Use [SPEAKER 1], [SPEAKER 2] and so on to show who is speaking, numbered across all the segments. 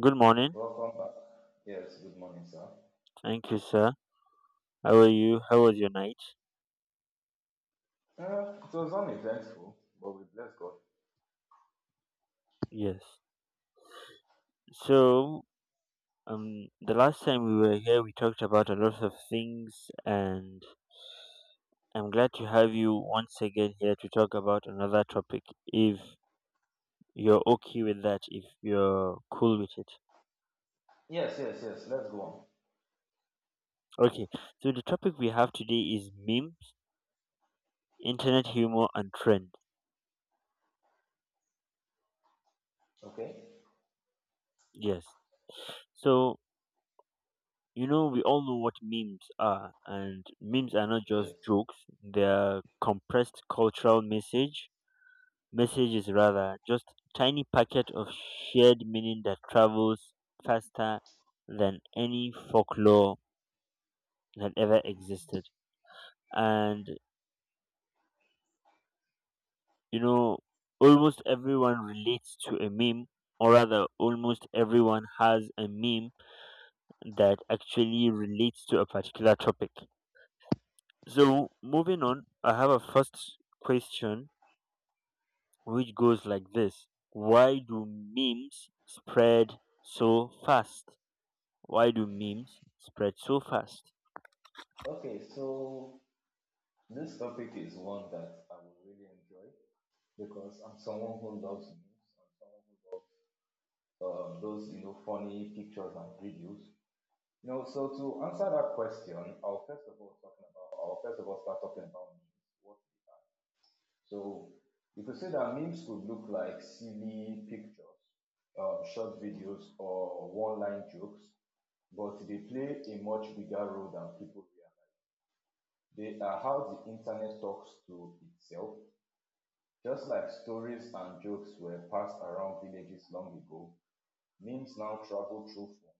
[SPEAKER 1] Good morning.
[SPEAKER 2] Welcome back. Yes, good morning, sir.
[SPEAKER 1] Thank you, sir. How are you? How was your night?
[SPEAKER 2] It was uneventful, but we bless God.
[SPEAKER 1] Yes. So, the last time we were here, we talked about a lot of things, and I'm glad to have you once again here to talk about another topic. If you're okay with that, if you're cool with it.
[SPEAKER 2] Yes, yes, yes. Let's go on.
[SPEAKER 1] Okay. So the topic we have today is memes, internet humor, and trend.
[SPEAKER 2] Okay.
[SPEAKER 1] Yes. So we all know what memes are, and memes are not just
[SPEAKER 2] Yes.
[SPEAKER 1] jokes, they're compressed cultural messages rather, just tiny packet of shared meaning that travels faster than any folklore that ever existed. And you know almost everyone relates to a meme, or rather almost everyone has a meme that actually relates to a particular topic. So moving on, I have a first question which goes like this. Why do memes spread so fast? Why do memes spread so fast?
[SPEAKER 2] Okay, so this topic is one that I will really enjoy because I'm someone who loves news. I'm someone who loves those funny pictures and videos. You know, so to answer that question, I'll first of all start talking about news. What? So you could say that memes could look like silly pictures, short videos, or one line jokes, but they play a much bigger role than people realize. They are how the internet talks to itself. Just like stories and jokes were passed around villages long ago, memes now travel through phones,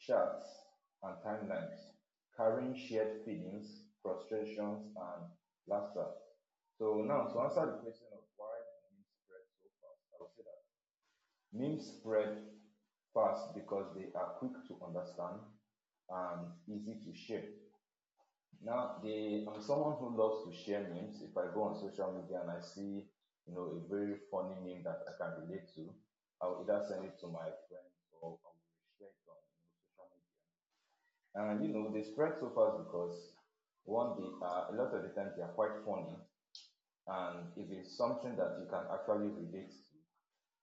[SPEAKER 2] charts, and timelines, carrying shared feelings, frustrations, and laughter. So now, to answer the question of why do memes spread so fast, I would say that memes spread fast because they are quick to understand and easy to share. Now, the I'm someone who loves to share memes. If I go on social media and I see, you know, a very funny meme that I can relate to, I'll either send it to my friends or I will share it on, you know, social media. And you know, they spread so fast because one, they are a lot of the times they are quite funny, and if it's something that you can actually relate to,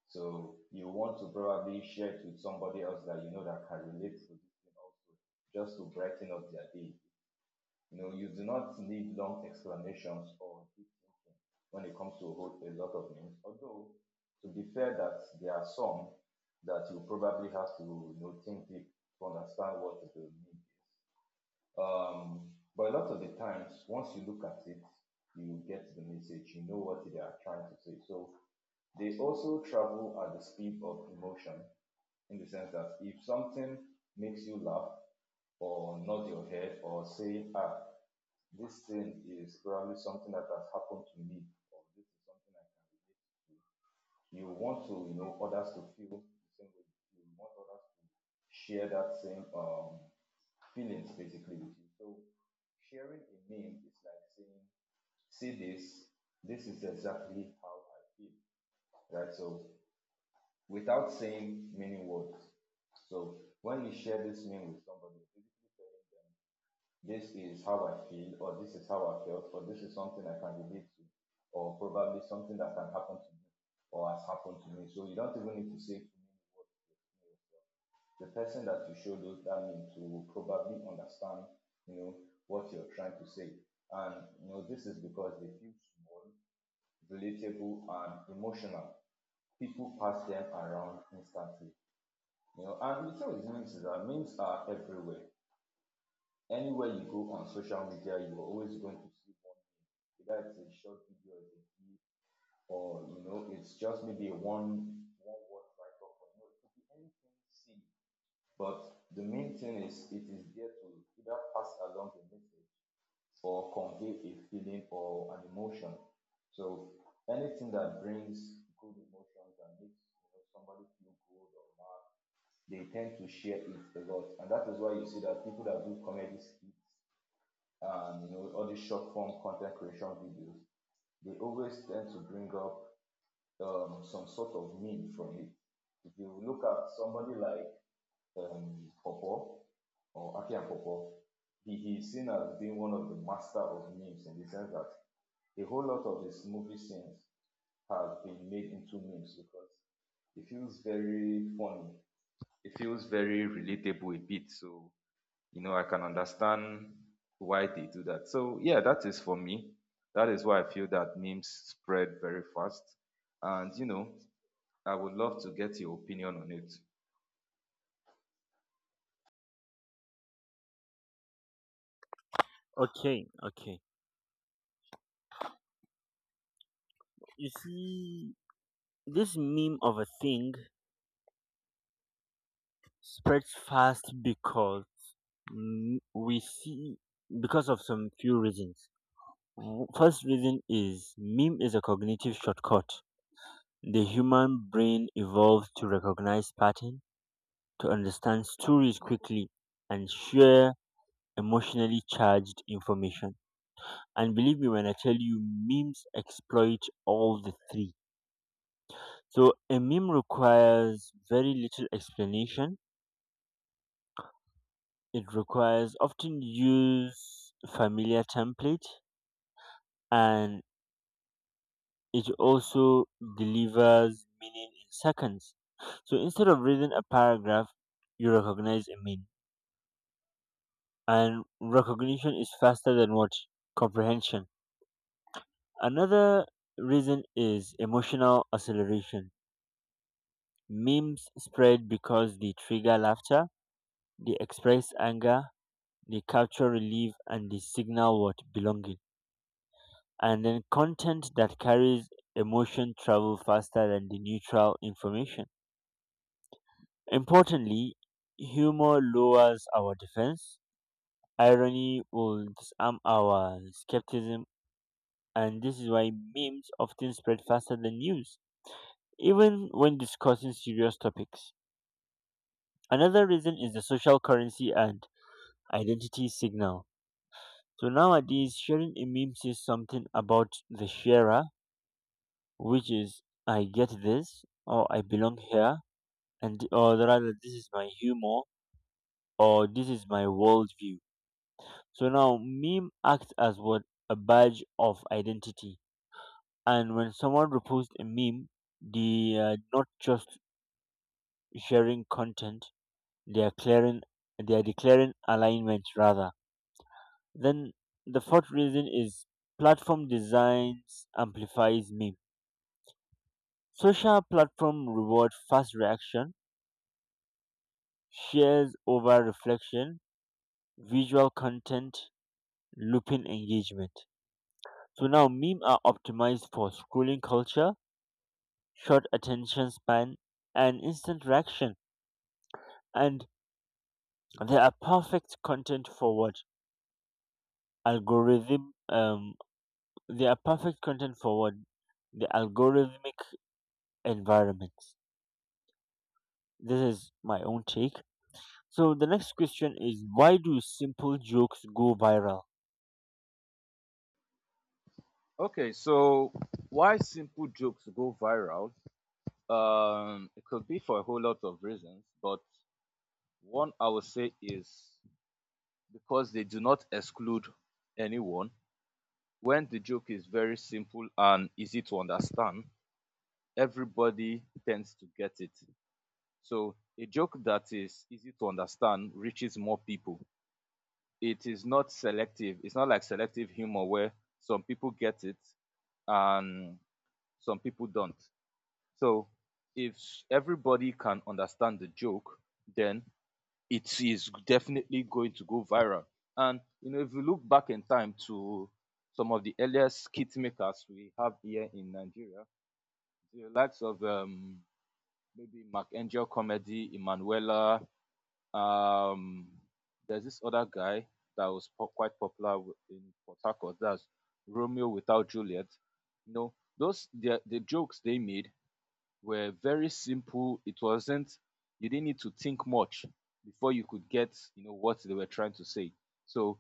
[SPEAKER 2] so you want to probably share it with somebody else that you know that can relate to this thing also, just to brighten up their day. You know, you do not need long explanations or deep thinking when it comes to a whole a lot of things. Although, to be fair, that there are some that you probably have to, you know, think deep to understand what they mean, um, but a lot of the times, once you look at it, you get the message, you know what they are trying to say. So they also travel at the speed of emotion, in the sense that if something makes you laugh or nod your head or say, ah, this thing is probably something that has happened to me, or this is something I can relate. To. You want to, you know, others to feel the same way. You want others to share that same feelings basically with you. So sharing a meme is like saying, see this, this is exactly how I feel. Right? So without saying many words. So when you share this meme with somebody, basically telling them this is how I feel, or this is how I felt, or this is something I can relate to, or probably something that can happen to me or has happened to me. So you don't even need to say too many words to explain. The person that you show those that meme to will probably understand, you know, what you're trying to say. And you know, this is because they feel small, relatable, and emotional. People pass them around instantly. You know, and the thing with memes is that memes are everywhere. Anywhere you go on social media, you are always going to see one. Either it's a short video, it's a GIF, or you know, it's just maybe a one word write up. Or, you know, it could be anything silly. But the main thing is it is there to either pass along a message or convey a feeling or an emotion. So anything that brings good emotions and makes, you know, somebody feel good or mad, they tend to share it a lot. And that is why you see that people that do comedy skits and, you know, all these short form content creation videos, they always tend to bring up some sort of meme from it. If you look at somebody like Popo or Akian Popo, he is seen as being one of the master of memes, in the sense that a whole lot of his movie scenes have been made into memes because it feels very funny. It feels very relatable a bit. So, you know, I can understand why they do that. So, yeah, that is for me. That is why I feel that memes spread very fast. And, you know, I would love to get your opinion on it.
[SPEAKER 1] Okay, okay. You see, this meme of a thing spreads fast because we see, because of some few reasons. First reason is meme is a cognitive shortcut. The human brain evolved to recognize patterns, to understand stories quickly, and share emotionally charged information. And believe me when I tell you, memes exploit all the three. So a meme requires very little explanation, it requires often use familiar template, and it also delivers meaning in seconds. So instead of reading a paragraph, you recognize a meme, and recognition is faster than what? Comprehension. Another reason is emotional acceleration. Memes spread because they trigger laughter, they express anger, they capture relief, and they signal what? Belonging. And then content that carries emotion travel faster than the neutral information. Importantly, humor lowers our defense, irony will disarm our skepticism, and this is why memes often spread faster than news, even when discussing serious topics. Another reason is the social currency and identity signal. So nowadays, sharing a meme says something about the sharer, which is, I get this, or I belong here, and or rather, this is my humor, or this is my worldview. So now meme acts as what? A badge of identity. And when someone reposts a meme, they are not just sharing content; they are clearing, they are declaring alignment rather. Then the fourth reason is platform designs amplifies meme. Social platform reward fast reaction, shares over reflection, visual content, looping engagement. So now meme are optimized for scrolling culture, short attention span, and instant reaction. And they are perfect content for what algorithm um they are perfect content for what? The algorithmic environment. This is my own take. So the next question is, why do simple jokes go viral?
[SPEAKER 2] Okay, so why simple jokes go viral? It could be for a whole lot of reasons, but one I would say is because they do not exclude anyone. When the joke is very simple and easy to understand, everybody tends to get it. So a joke that is easy to understand reaches more people. It is not selective. It's not like selective humor where some people get it and some people don't. So if everybody can understand the joke, then it is definitely going to go viral. And you know, if you look back in time to some of the earliest skit makers we have here in Nigeria, the likes of maybe Mark Angel Comedy, Emanuela, um, there's this other guy that was quite popular in Port Harcourt, that's Romeo without Juliet. You know, those the jokes they made were very simple. It wasn't you didn't need to think much before you could get, you know, what they were trying to say. So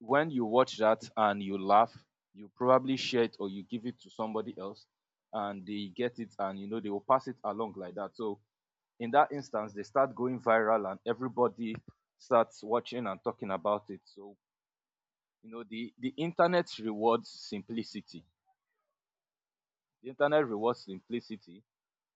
[SPEAKER 2] when you watch that and you laugh, you probably share it or you give it to somebody else and they get it, and you know they will pass it along like that. So in that instance, they start going viral and everybody starts watching and talking about it. So you know the internet rewards simplicity. The internet rewards simplicity.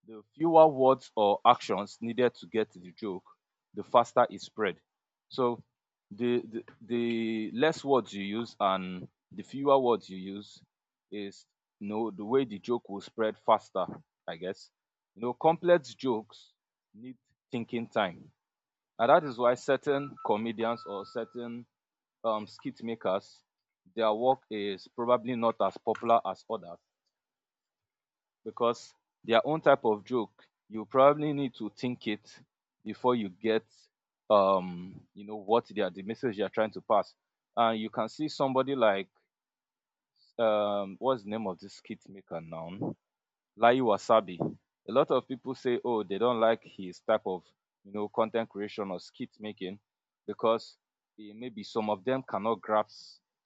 [SPEAKER 2] The fewer words or actions needed to get the joke, the faster it spread. So the less words you use and the fewer words you use is, you know, the way the joke will spread faster, I guess. You know, complex jokes need thinking time. And that is why certain comedians or certain skit makers, their work is probably not as popular as others because their own type of joke you probably need to think it before you get, you know, what they are the message they are trying to pass. And you can see somebody like what's the name of this skit maker now, Lai Wasabi. A lot of people say, oh, they don't like his type of, you know, content creation or skit making because, eh, maybe some of them cannot grasp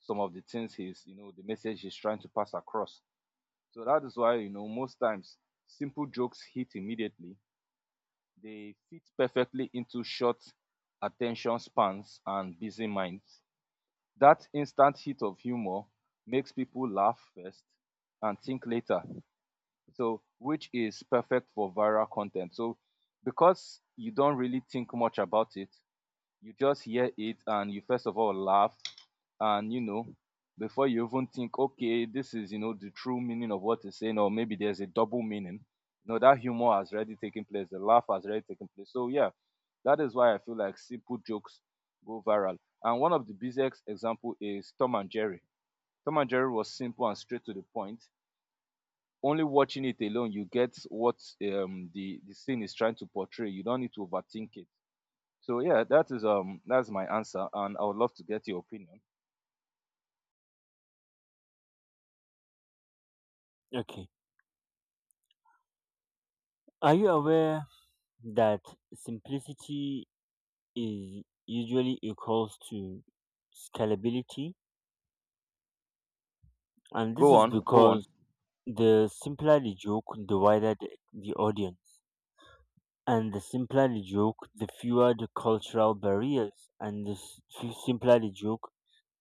[SPEAKER 2] some of the things he's, you know, the message he's trying to pass across. So that is why, you know, most times simple jokes hit immediately. They fit perfectly into short attention spans and busy minds. That instant hit of humor makes people laugh first and think later. So, which is perfect for viral content. So, because you don't really think much about it, you just hear it and you first of all laugh, and you know, before you even think, okay, this is, you know, the true meaning of what is saying, or maybe there's a double meaning, you know that humor has already taken place, the laugh has already taken place. So yeah, that is why I feel like simple jokes go viral. And one of the biggest example is Tom and Jerry. Tom and Jerry was simple and straight to the point. Only watching it alone, you get what, the scene is trying to portray. You don't need to overthink it. So yeah, that is that's my answer, and I would love to get your opinion.
[SPEAKER 1] Okay. Are you aware that simplicity is usually equals to scalability? And this
[SPEAKER 2] Go
[SPEAKER 1] is
[SPEAKER 2] on, go on.
[SPEAKER 1] because the simpler the joke, the wider the audience. And the simpler the joke, the fewer the cultural barriers. And the simpler the joke,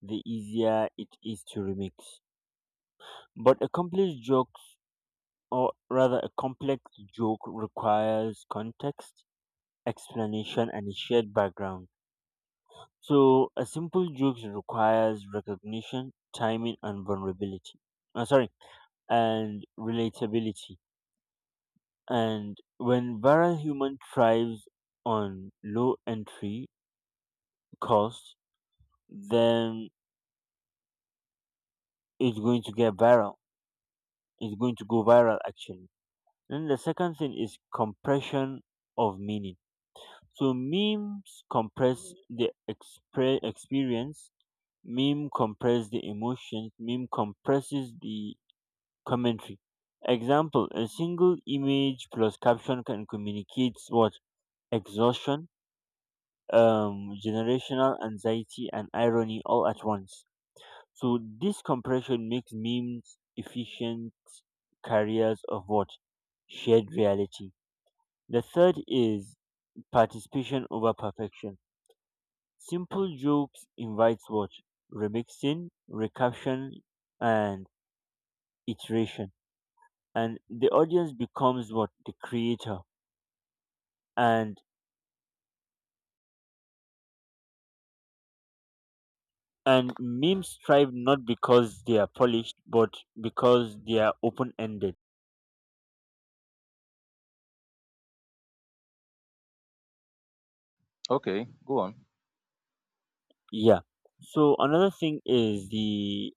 [SPEAKER 1] the easier it is to remix. But a complex or rather a complex joke requires context, explanation, and a shared background. So a simple joke requires recognition, timing, and vulnerability. Sorry, and relatability. And when viral human thrives on low entry cost, then it's going to get viral. It's going to go viral actually. Then the second thing is compression of meaning. So memes compress the experience, meme compress the emotions, meme compresses the commentary. Example: a single image plus caption can communicate what? Exhaustion, generational anxiety, and irony all at once. So this compression makes memes efficient carriers of what? Shared reality. The third is participation over perfection. Simple jokes invites what? Remixing, recaption, and iteration. And the audience becomes what? The creator. And memes thrive not because they are polished, but because they are open ended.
[SPEAKER 2] Okay, go on.
[SPEAKER 1] Yeah. So another thing is the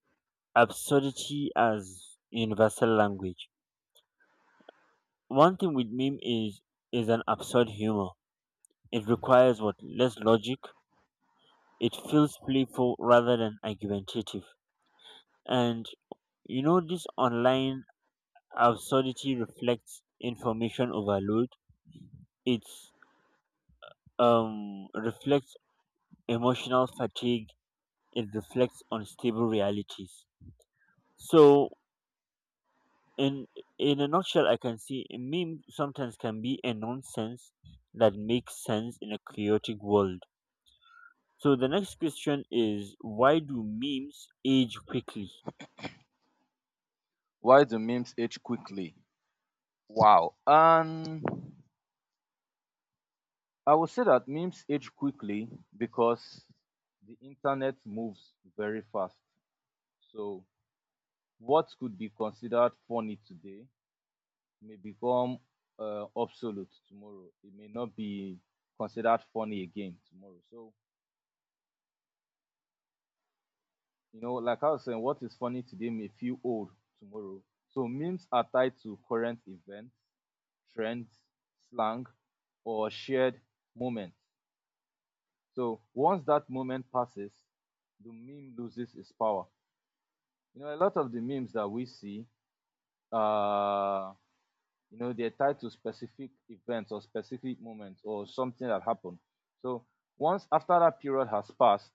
[SPEAKER 1] absurdity as universal language. One thing with meme is an absurd humor. It requires what? Less logic. It feels playful rather than argumentative. And this online absurdity reflects information overload. It's reflects emotional fatigue. It reflects unstable realities. So in in a nutshell, I can see a meme sometimes can be a nonsense that makes sense in a chaotic world. So the next question is, why do memes age quickly?
[SPEAKER 2] Why do memes age quickly? Wow. I would say that memes age quickly because the internet moves very fast. So what could be considered funny today may become, obsolete tomorrow. It may not be considered funny again tomorrow. So you know, like I was saying, what is funny today may feel old tomorrow. So memes are tied to current events, trends, slang, or shared moments. So once that moment passes, the meme loses its power. You know, a lot of the memes that we see, uh, you know, they're tied to specific events or specific moments or something that happened. So once after that period has passed,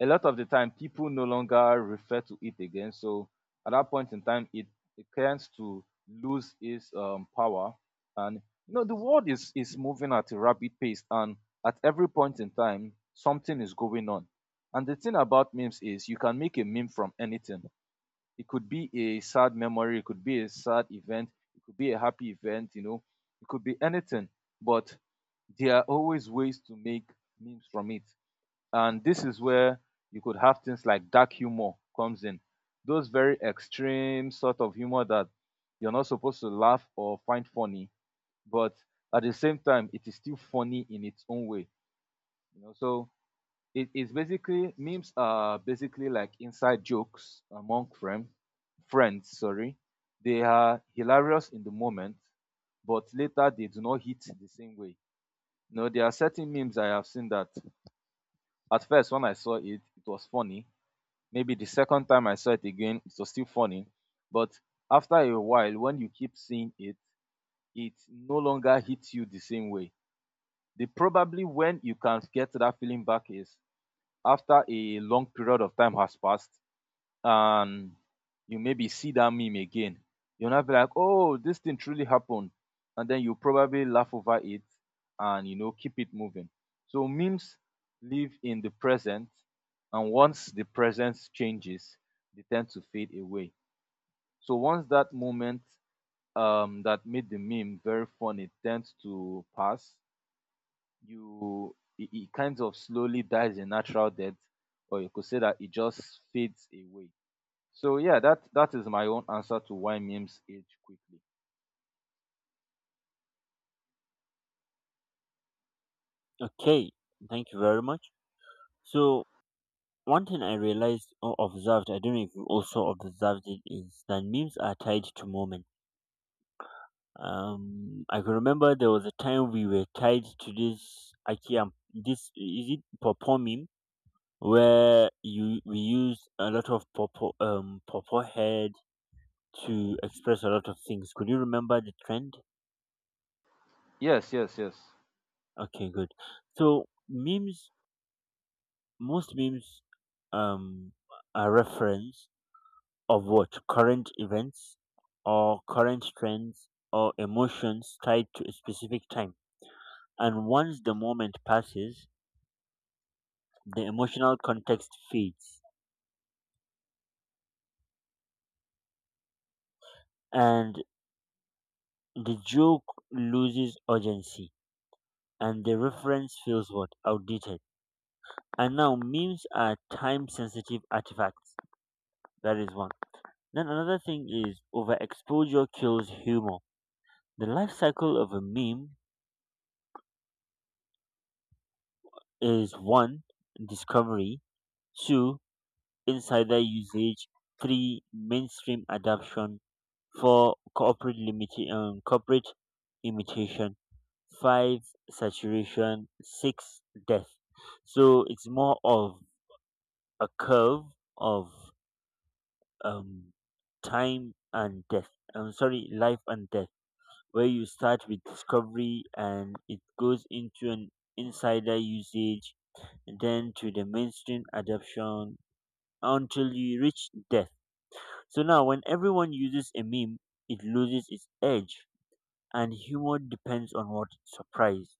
[SPEAKER 2] a lot of the time people no longer refer to it again, so at that point in time it tends to lose its power. And you know, the world is moving at a rapid pace, and at every point in time something is going on. And the thing about memes is you can make a meme from anything. It could be a sad memory, it could be a sad event, it could be a happy event, you know, it could be anything. But there are always ways to make memes from it. And this is where you could have things like dark humor comes in, those very extreme sort of humor that you're not supposed to laugh or find funny, but at the same time it is still funny in its own way, you know. So it is basically, memes are basically like inside jokes among friend, friends sorry they are hilarious in the moment, but later they do not hit the same way. You know, there are certain memes I have seen that at first when I saw it, it was funny. Maybe the second time I saw it again, it was still funny. But after a while, when you keep seeing it, it no longer hits you the same way. The probably when you can get that feeling back is after a long period of time has passed, and you maybe see that meme again, you'll not be like, oh, this thing truly happened. And then you probably laugh over it and you know, keep it moving. So memes live in the present, and once the present changes, they tend to fade away. So once that moment that made the meme very funny tends to pass, you it kind of slowly dies a natural death, or you could say that it just fades away. So yeah, that is my own answer to why memes age quickly.
[SPEAKER 1] Okay, thank you very much. So one thing I realized or observed, I don't know if you also observed it, is that memes are tied to moment. I can remember there was a time we were tied to this Akiam. This is it Popo meme where you we use a lot of Popo Popo head to express a lot of things. Could you remember the trend?
[SPEAKER 2] Yes, yes, yes.
[SPEAKER 1] Okay, good. So memes, most memes um are reference of what? Current events or current trends or emotions tied to a specific time. And once the moment passes, the emotional context fades, and the joke loses urgency, and the reference feels what? Outdated. And now memes are time sensitive artifacts. That is one. Then another thing is overexposure kills humor. The life cycle of a meme is: one, discovery; two, insider usage; three, mainstream adoption; four, corporate imitation; five, saturation; six, death. So it's more of a curve of um, time and death. I'm sorry, life and death, where you start with discovery and it goes into an insider usage, then to the mainstream adoption until you reach death. So now, when everyone uses a meme, it loses its edge, and humor depends on what? Surprise.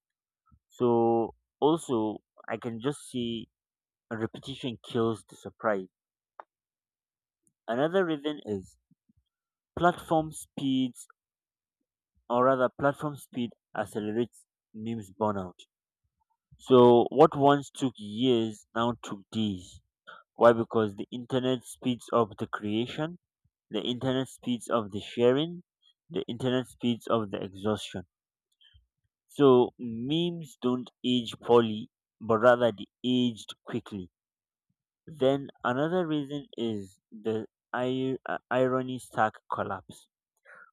[SPEAKER 1] So also, I can just see repetition kills the surprise. Another reason is platform speeds, or rather, platform speed accelerates memes burnout. So what once took years now took days. Why? Because the internet speeds up the creation, the internet speeds up the sharing, the internet speeds up the exhaustion. So memes don't age poorly, but rather they aged quickly. Then another reason is the irony stack collapse,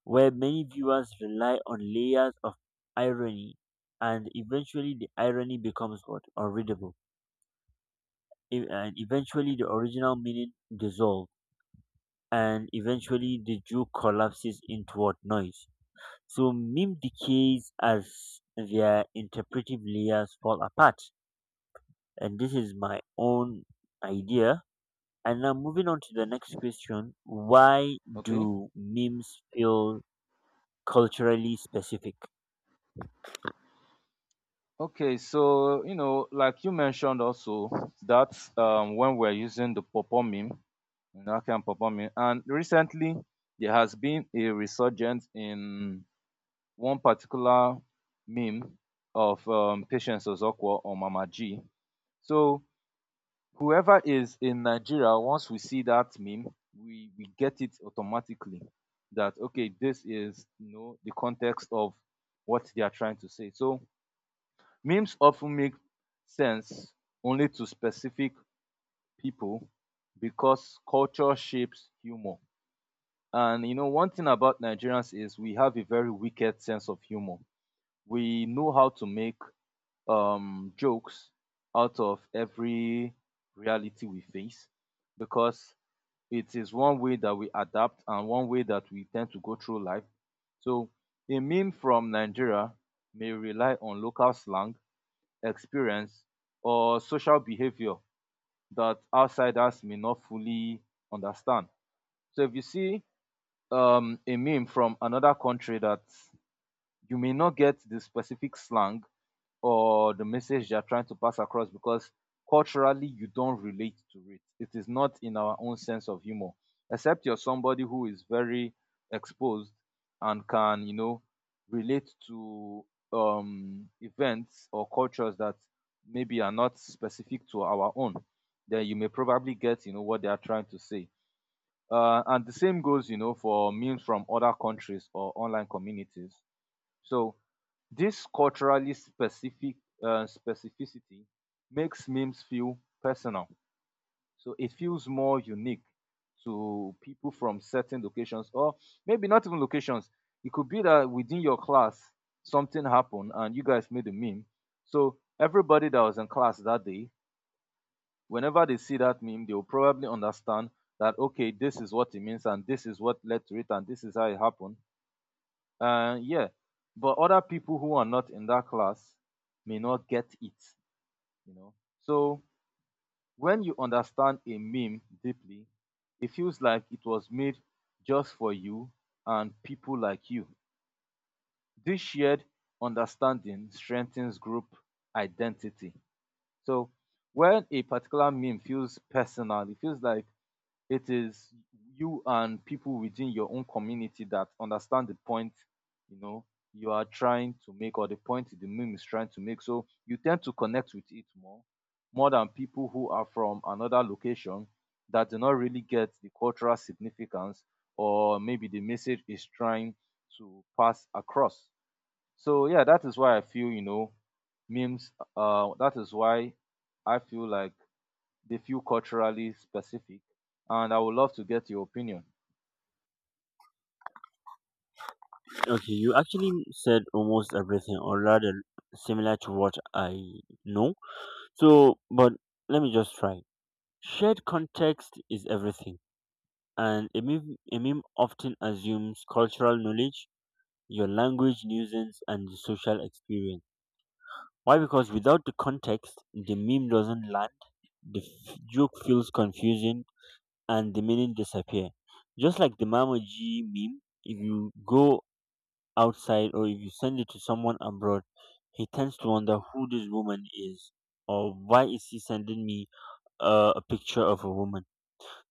[SPEAKER 1] where many viewers rely on layers of irony, and eventually the irony becomes what? Unreadable. And eventually the original meaning dissolves, and eventually the joke collapses into what? Noise. So meme decays as their interpretive layers fall apart. And this is my own idea. And now moving on to the next question, why
[SPEAKER 2] Okay.
[SPEAKER 1] do memes feel culturally specific?
[SPEAKER 2] Okay, so you know, like you mentioned also that when we're using the purple meme, you know, and purple meme, and recently there has been a resurgence in one particular meme of Patience Ozokwo or Mama G. So whoever is in Nigeria, once we see that meme, we get it automatically that okay, this is, you know, the context of what they are trying to say. So memes often make sense only to specific people, because culture shapes humor. And you know, one thing about Nigerians is we have a very wicked sense of humor. We know how to make jokes out of every reality we face, because it is one way that we adapt and one way that we tend to go through life. So a meme from Nigeria may rely on local slang, experience, or social behavior that outsiders may not fully understand. So if you see a meme from another country, that you may not get the specific slang or the message they are trying to pass across, because culturally you don't relate to it. It is not in our own sense of humor, except you're somebody who is very exposed and can, you know, relate to events or cultures that maybe are not specific to our own. Then you may probably get, you know, what they are trying to say. And the same goes, you know, for memes from other countries or online communities. So this culturally specific specificity makes memes feel personal. So it feels more unique to people from certain locations, or maybe not even locations. It could be that within your class something happened and you guys made a meme. So everybody that was in class that day, whenever they see that meme, they will probably understand that okay, this is what it means, and this is what led to it, and this is how it happened. Yeah, but other people who are not in that class may not get it, you know. So when you understand a meme deeply, it feels like it was made just for you and people like you. This shared understanding strengthens group identity. So when a particular meme feels personal, it feels like it is you and people within your own community that understand the point, you know, you are trying to make, or the point the meme is trying to make. So you tend to connect with it more, more than people who are from another location that do not really get the cultural significance, or maybe the message is trying to pass across. So yeah, that is why I feel, you know, memes that is why I feel like they feel culturally specific, and I would love to get your opinion.
[SPEAKER 1] Okay, you actually said almost everything, or rather similar to what I know. So but let me just try. Shared context is everything, and a meme often assumes cultural knowledge, your language, nuisance, and the social experience. Why? Because without the context, the meme doesn't land. The joke feels confusing and the meaning disappear. Just like the Mamoji meme, if you go outside or if you send it to someone abroad, he tends to wonder who this woman is or why is he sending me a picture of a woman.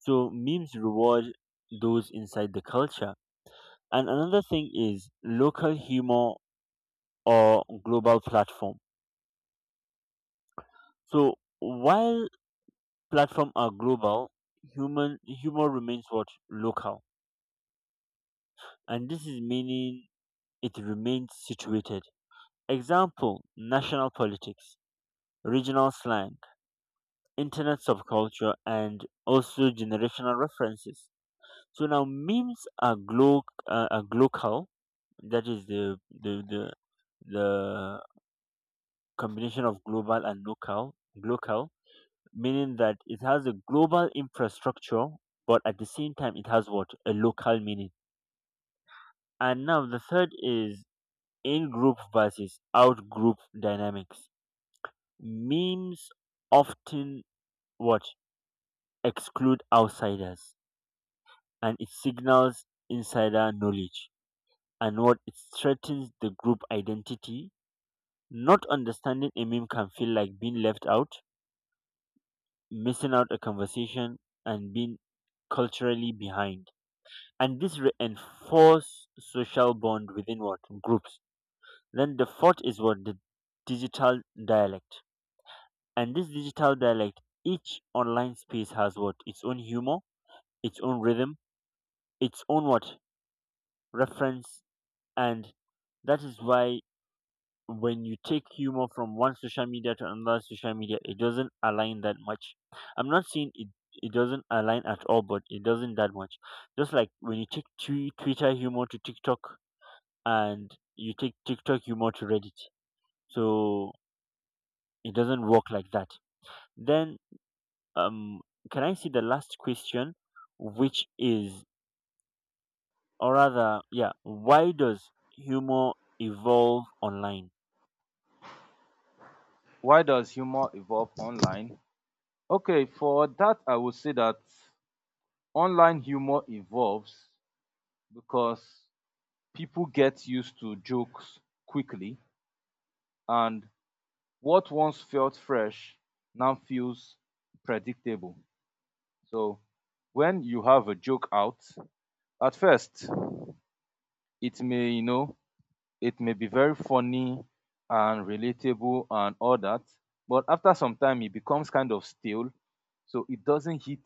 [SPEAKER 1] So memes reward those inside the culture. And another thing is local humor or global platform. So while platform are global, human humor remains what? Local. And this is meaning it remains situated. Example: national politics, regional slang, internet subculture, and also generational references. So now memes are, are local, that is the combination of global and local, meaning that it has a global infrastructure, but at the same time, it has what? A local meaning. And now the third is in-group versus out-group dynamics. Memes often what? Exclude outsiders, and it signals insider knowledge, and what? It threatens the group identity. Not understanding a meme can feel like being left out, missing out a conversation, and being culturally behind. And this reinforce social bond within what? Groups. Then the fourth is what? The digital dialect. And this digital dialect, each online space has what? Its own humor, its own rhythm, its own what? Reference. And that is why when you take humor from one social media to another social media, it doesn't align that much. I'm not saying it, it doesn't align at all, but it doesn't that much. Just like when you take Twitter humor to TikTok, and you take TikTok humor to Reddit. So it doesn't work like that. Then um can I see the last question, which is, or rather, yeah, why does humor evolve online?
[SPEAKER 2] Why does humor evolve online? Okay, for that I would say that online humor evolves because people get used to jokes quickly, and what once felt fresh now feels predictable. So when you have a joke out, at first it may, you know, it may be very funny and relatable and all that, but after some time it becomes kind of stale, so it doesn't hit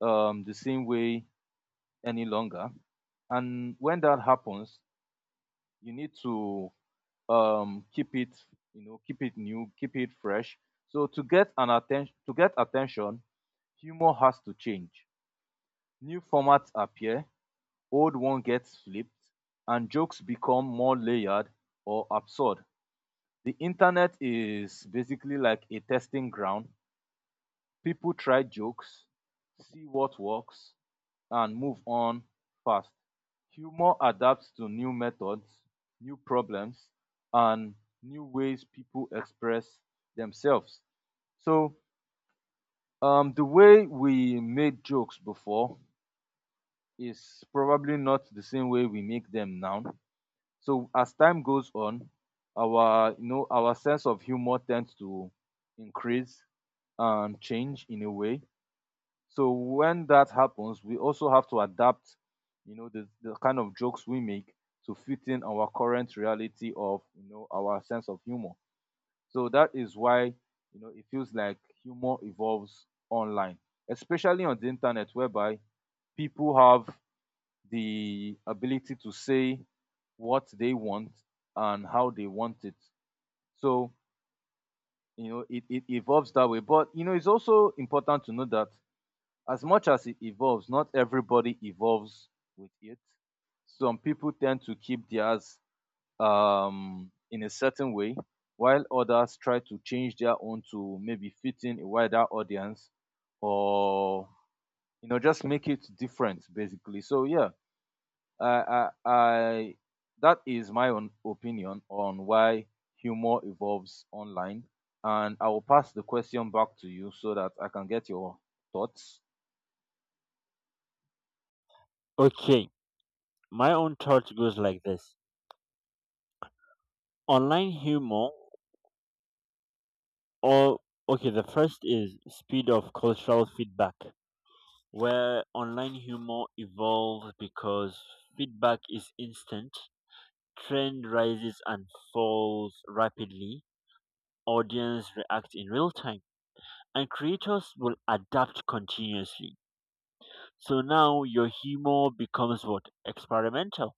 [SPEAKER 2] the same way any longer. And when that happens, you need to keep it, you know, keep it new, keep it fresh. So to get an attention, to get attention, humor has to change. New formats appear, old one gets flipped, and jokes become more layered or absurd. The internet is basically like a testing ground. People try jokes, see what works, and move on fast. Humor adapts to new methods, new problems, and new ways people express themselves. So, the way we made jokes before is probably not the same way we make them now. So as time goes on, our, you know, our sense of humor tends to increase and change in a way. So when that happens, we also have to adapt, you know, the kind of jokes we make to fit in our current reality of, you know, our sense of humor. So that is why, you know, it feels like humor evolves online, especially on the internet, whereby people have the ability to say what they want and how they want it. So, you know, it evolves that way. But, you know, it's also important to know that as much as it evolves, not everybody evolves with it. Some people tend to keep theirs in a certain way, while others try to change their own to maybe fit in a wider audience, or, you know, just make it different, basically. So, yeah, I, I, I, that is my own opinion on why humor evolves online. And I will pass the question back to you so that I can get your thoughts.
[SPEAKER 1] Okay, my own thought goes like this. Online humor, or okay, the first is speed of cultural feedback, where online humor evolves because feedback is instant, trend rises and falls rapidly, audience react in real time, and creators will adapt continuously. So now your humor becomes what? Experimental.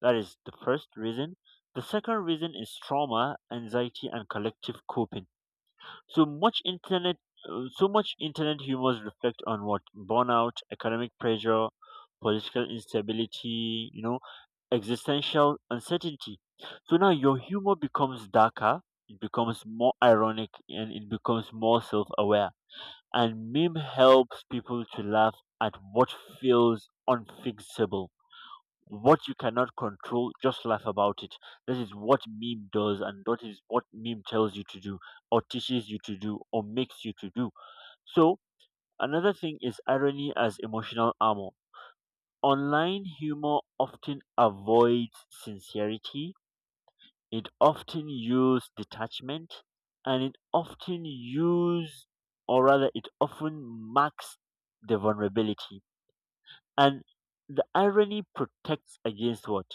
[SPEAKER 1] That is the first reason. The second reason is trauma, anxiety, and collective coping. So much internet humors reflect on what? Burnout, economic pressure, political instability, existential uncertainty. So now your humor becomes darker, it becomes more ironic, and it becomes more self-aware, and meme helps people to laugh at what feels unfixable. What you cannot control, just laugh about it. This is what meme does, and that is what meme tells you to do, or teaches you to do, or makes you to do. So another thing is irony as emotional armor. Online humor often avoids sincerity, it often used detachment, and it often marks the vulnerability. And the irony protects against what?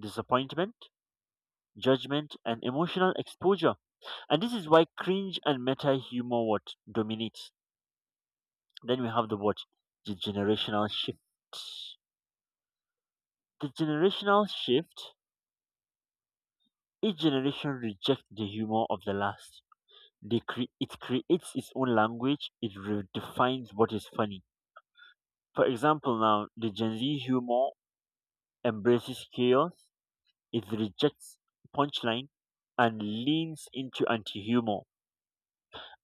[SPEAKER 1] Disappointment, judgment, and emotional exposure. And this is why cringe and meta humor what? Dominates. Then we have the what? The generational shift. The generational shift. Each generation rejects the humor of the last, they it creates its own language. It redefines what is funny. For example, now the Gen Z humor embraces chaos. It rejects punchline and leans into anti-humor.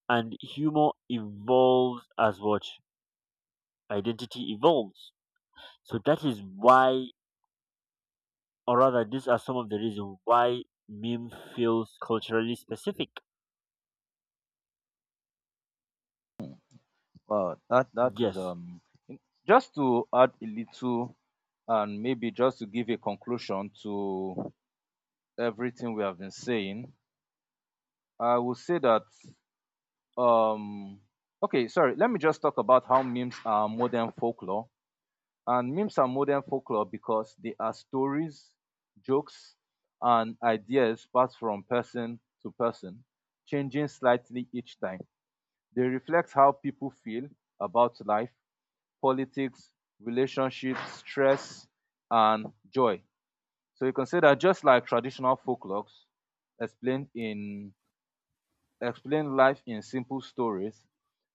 [SPEAKER 1] And humor evolves as what? Identity evolves. So that is why, or rather, these are some of the reasons why meme feels culturally specific.
[SPEAKER 2] Uh, that that is
[SPEAKER 1] Yes.
[SPEAKER 2] um in- just to add a little, and maybe just to give a conclusion to everything we have been saying, I will say that um okay, sorry, let me just talk about how memes are modern folklore. And memes are modern folklore because they are stories, jokes, and ideas passed from person to person, changing slightly each time. They reflect how people feel about life, politics, relationships, stress, and joy. So you can say that just like traditional folklores explain in explain life in simple stories,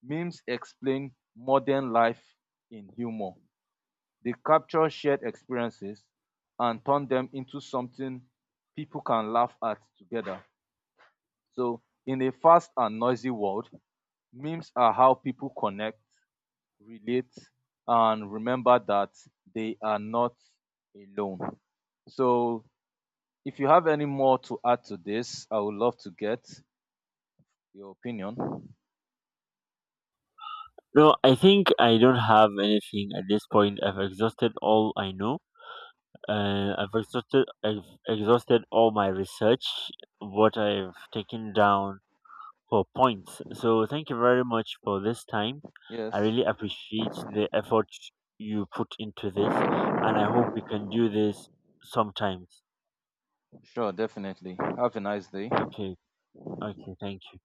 [SPEAKER 2] memes explain modern life in humor. They capture shared experiences and turn them into something people can laugh at together. So, in a fast and noisy world, memes are how people connect, relate, and remember that they are not alone. So, if you have any more to add to this, I would love to get your opinion.
[SPEAKER 1] No, I think I don't have anything at this point. I've exhausted all I know. I've exhausted all my research, what I've taken down for points. So thank you very much for this time. I
[SPEAKER 2] Yes,
[SPEAKER 1] really appreciate the effort you put into this, and I hope we can do this sometimes.
[SPEAKER 2] sure, definitely. Have a nice day.
[SPEAKER 1] Okay, okay, thank you.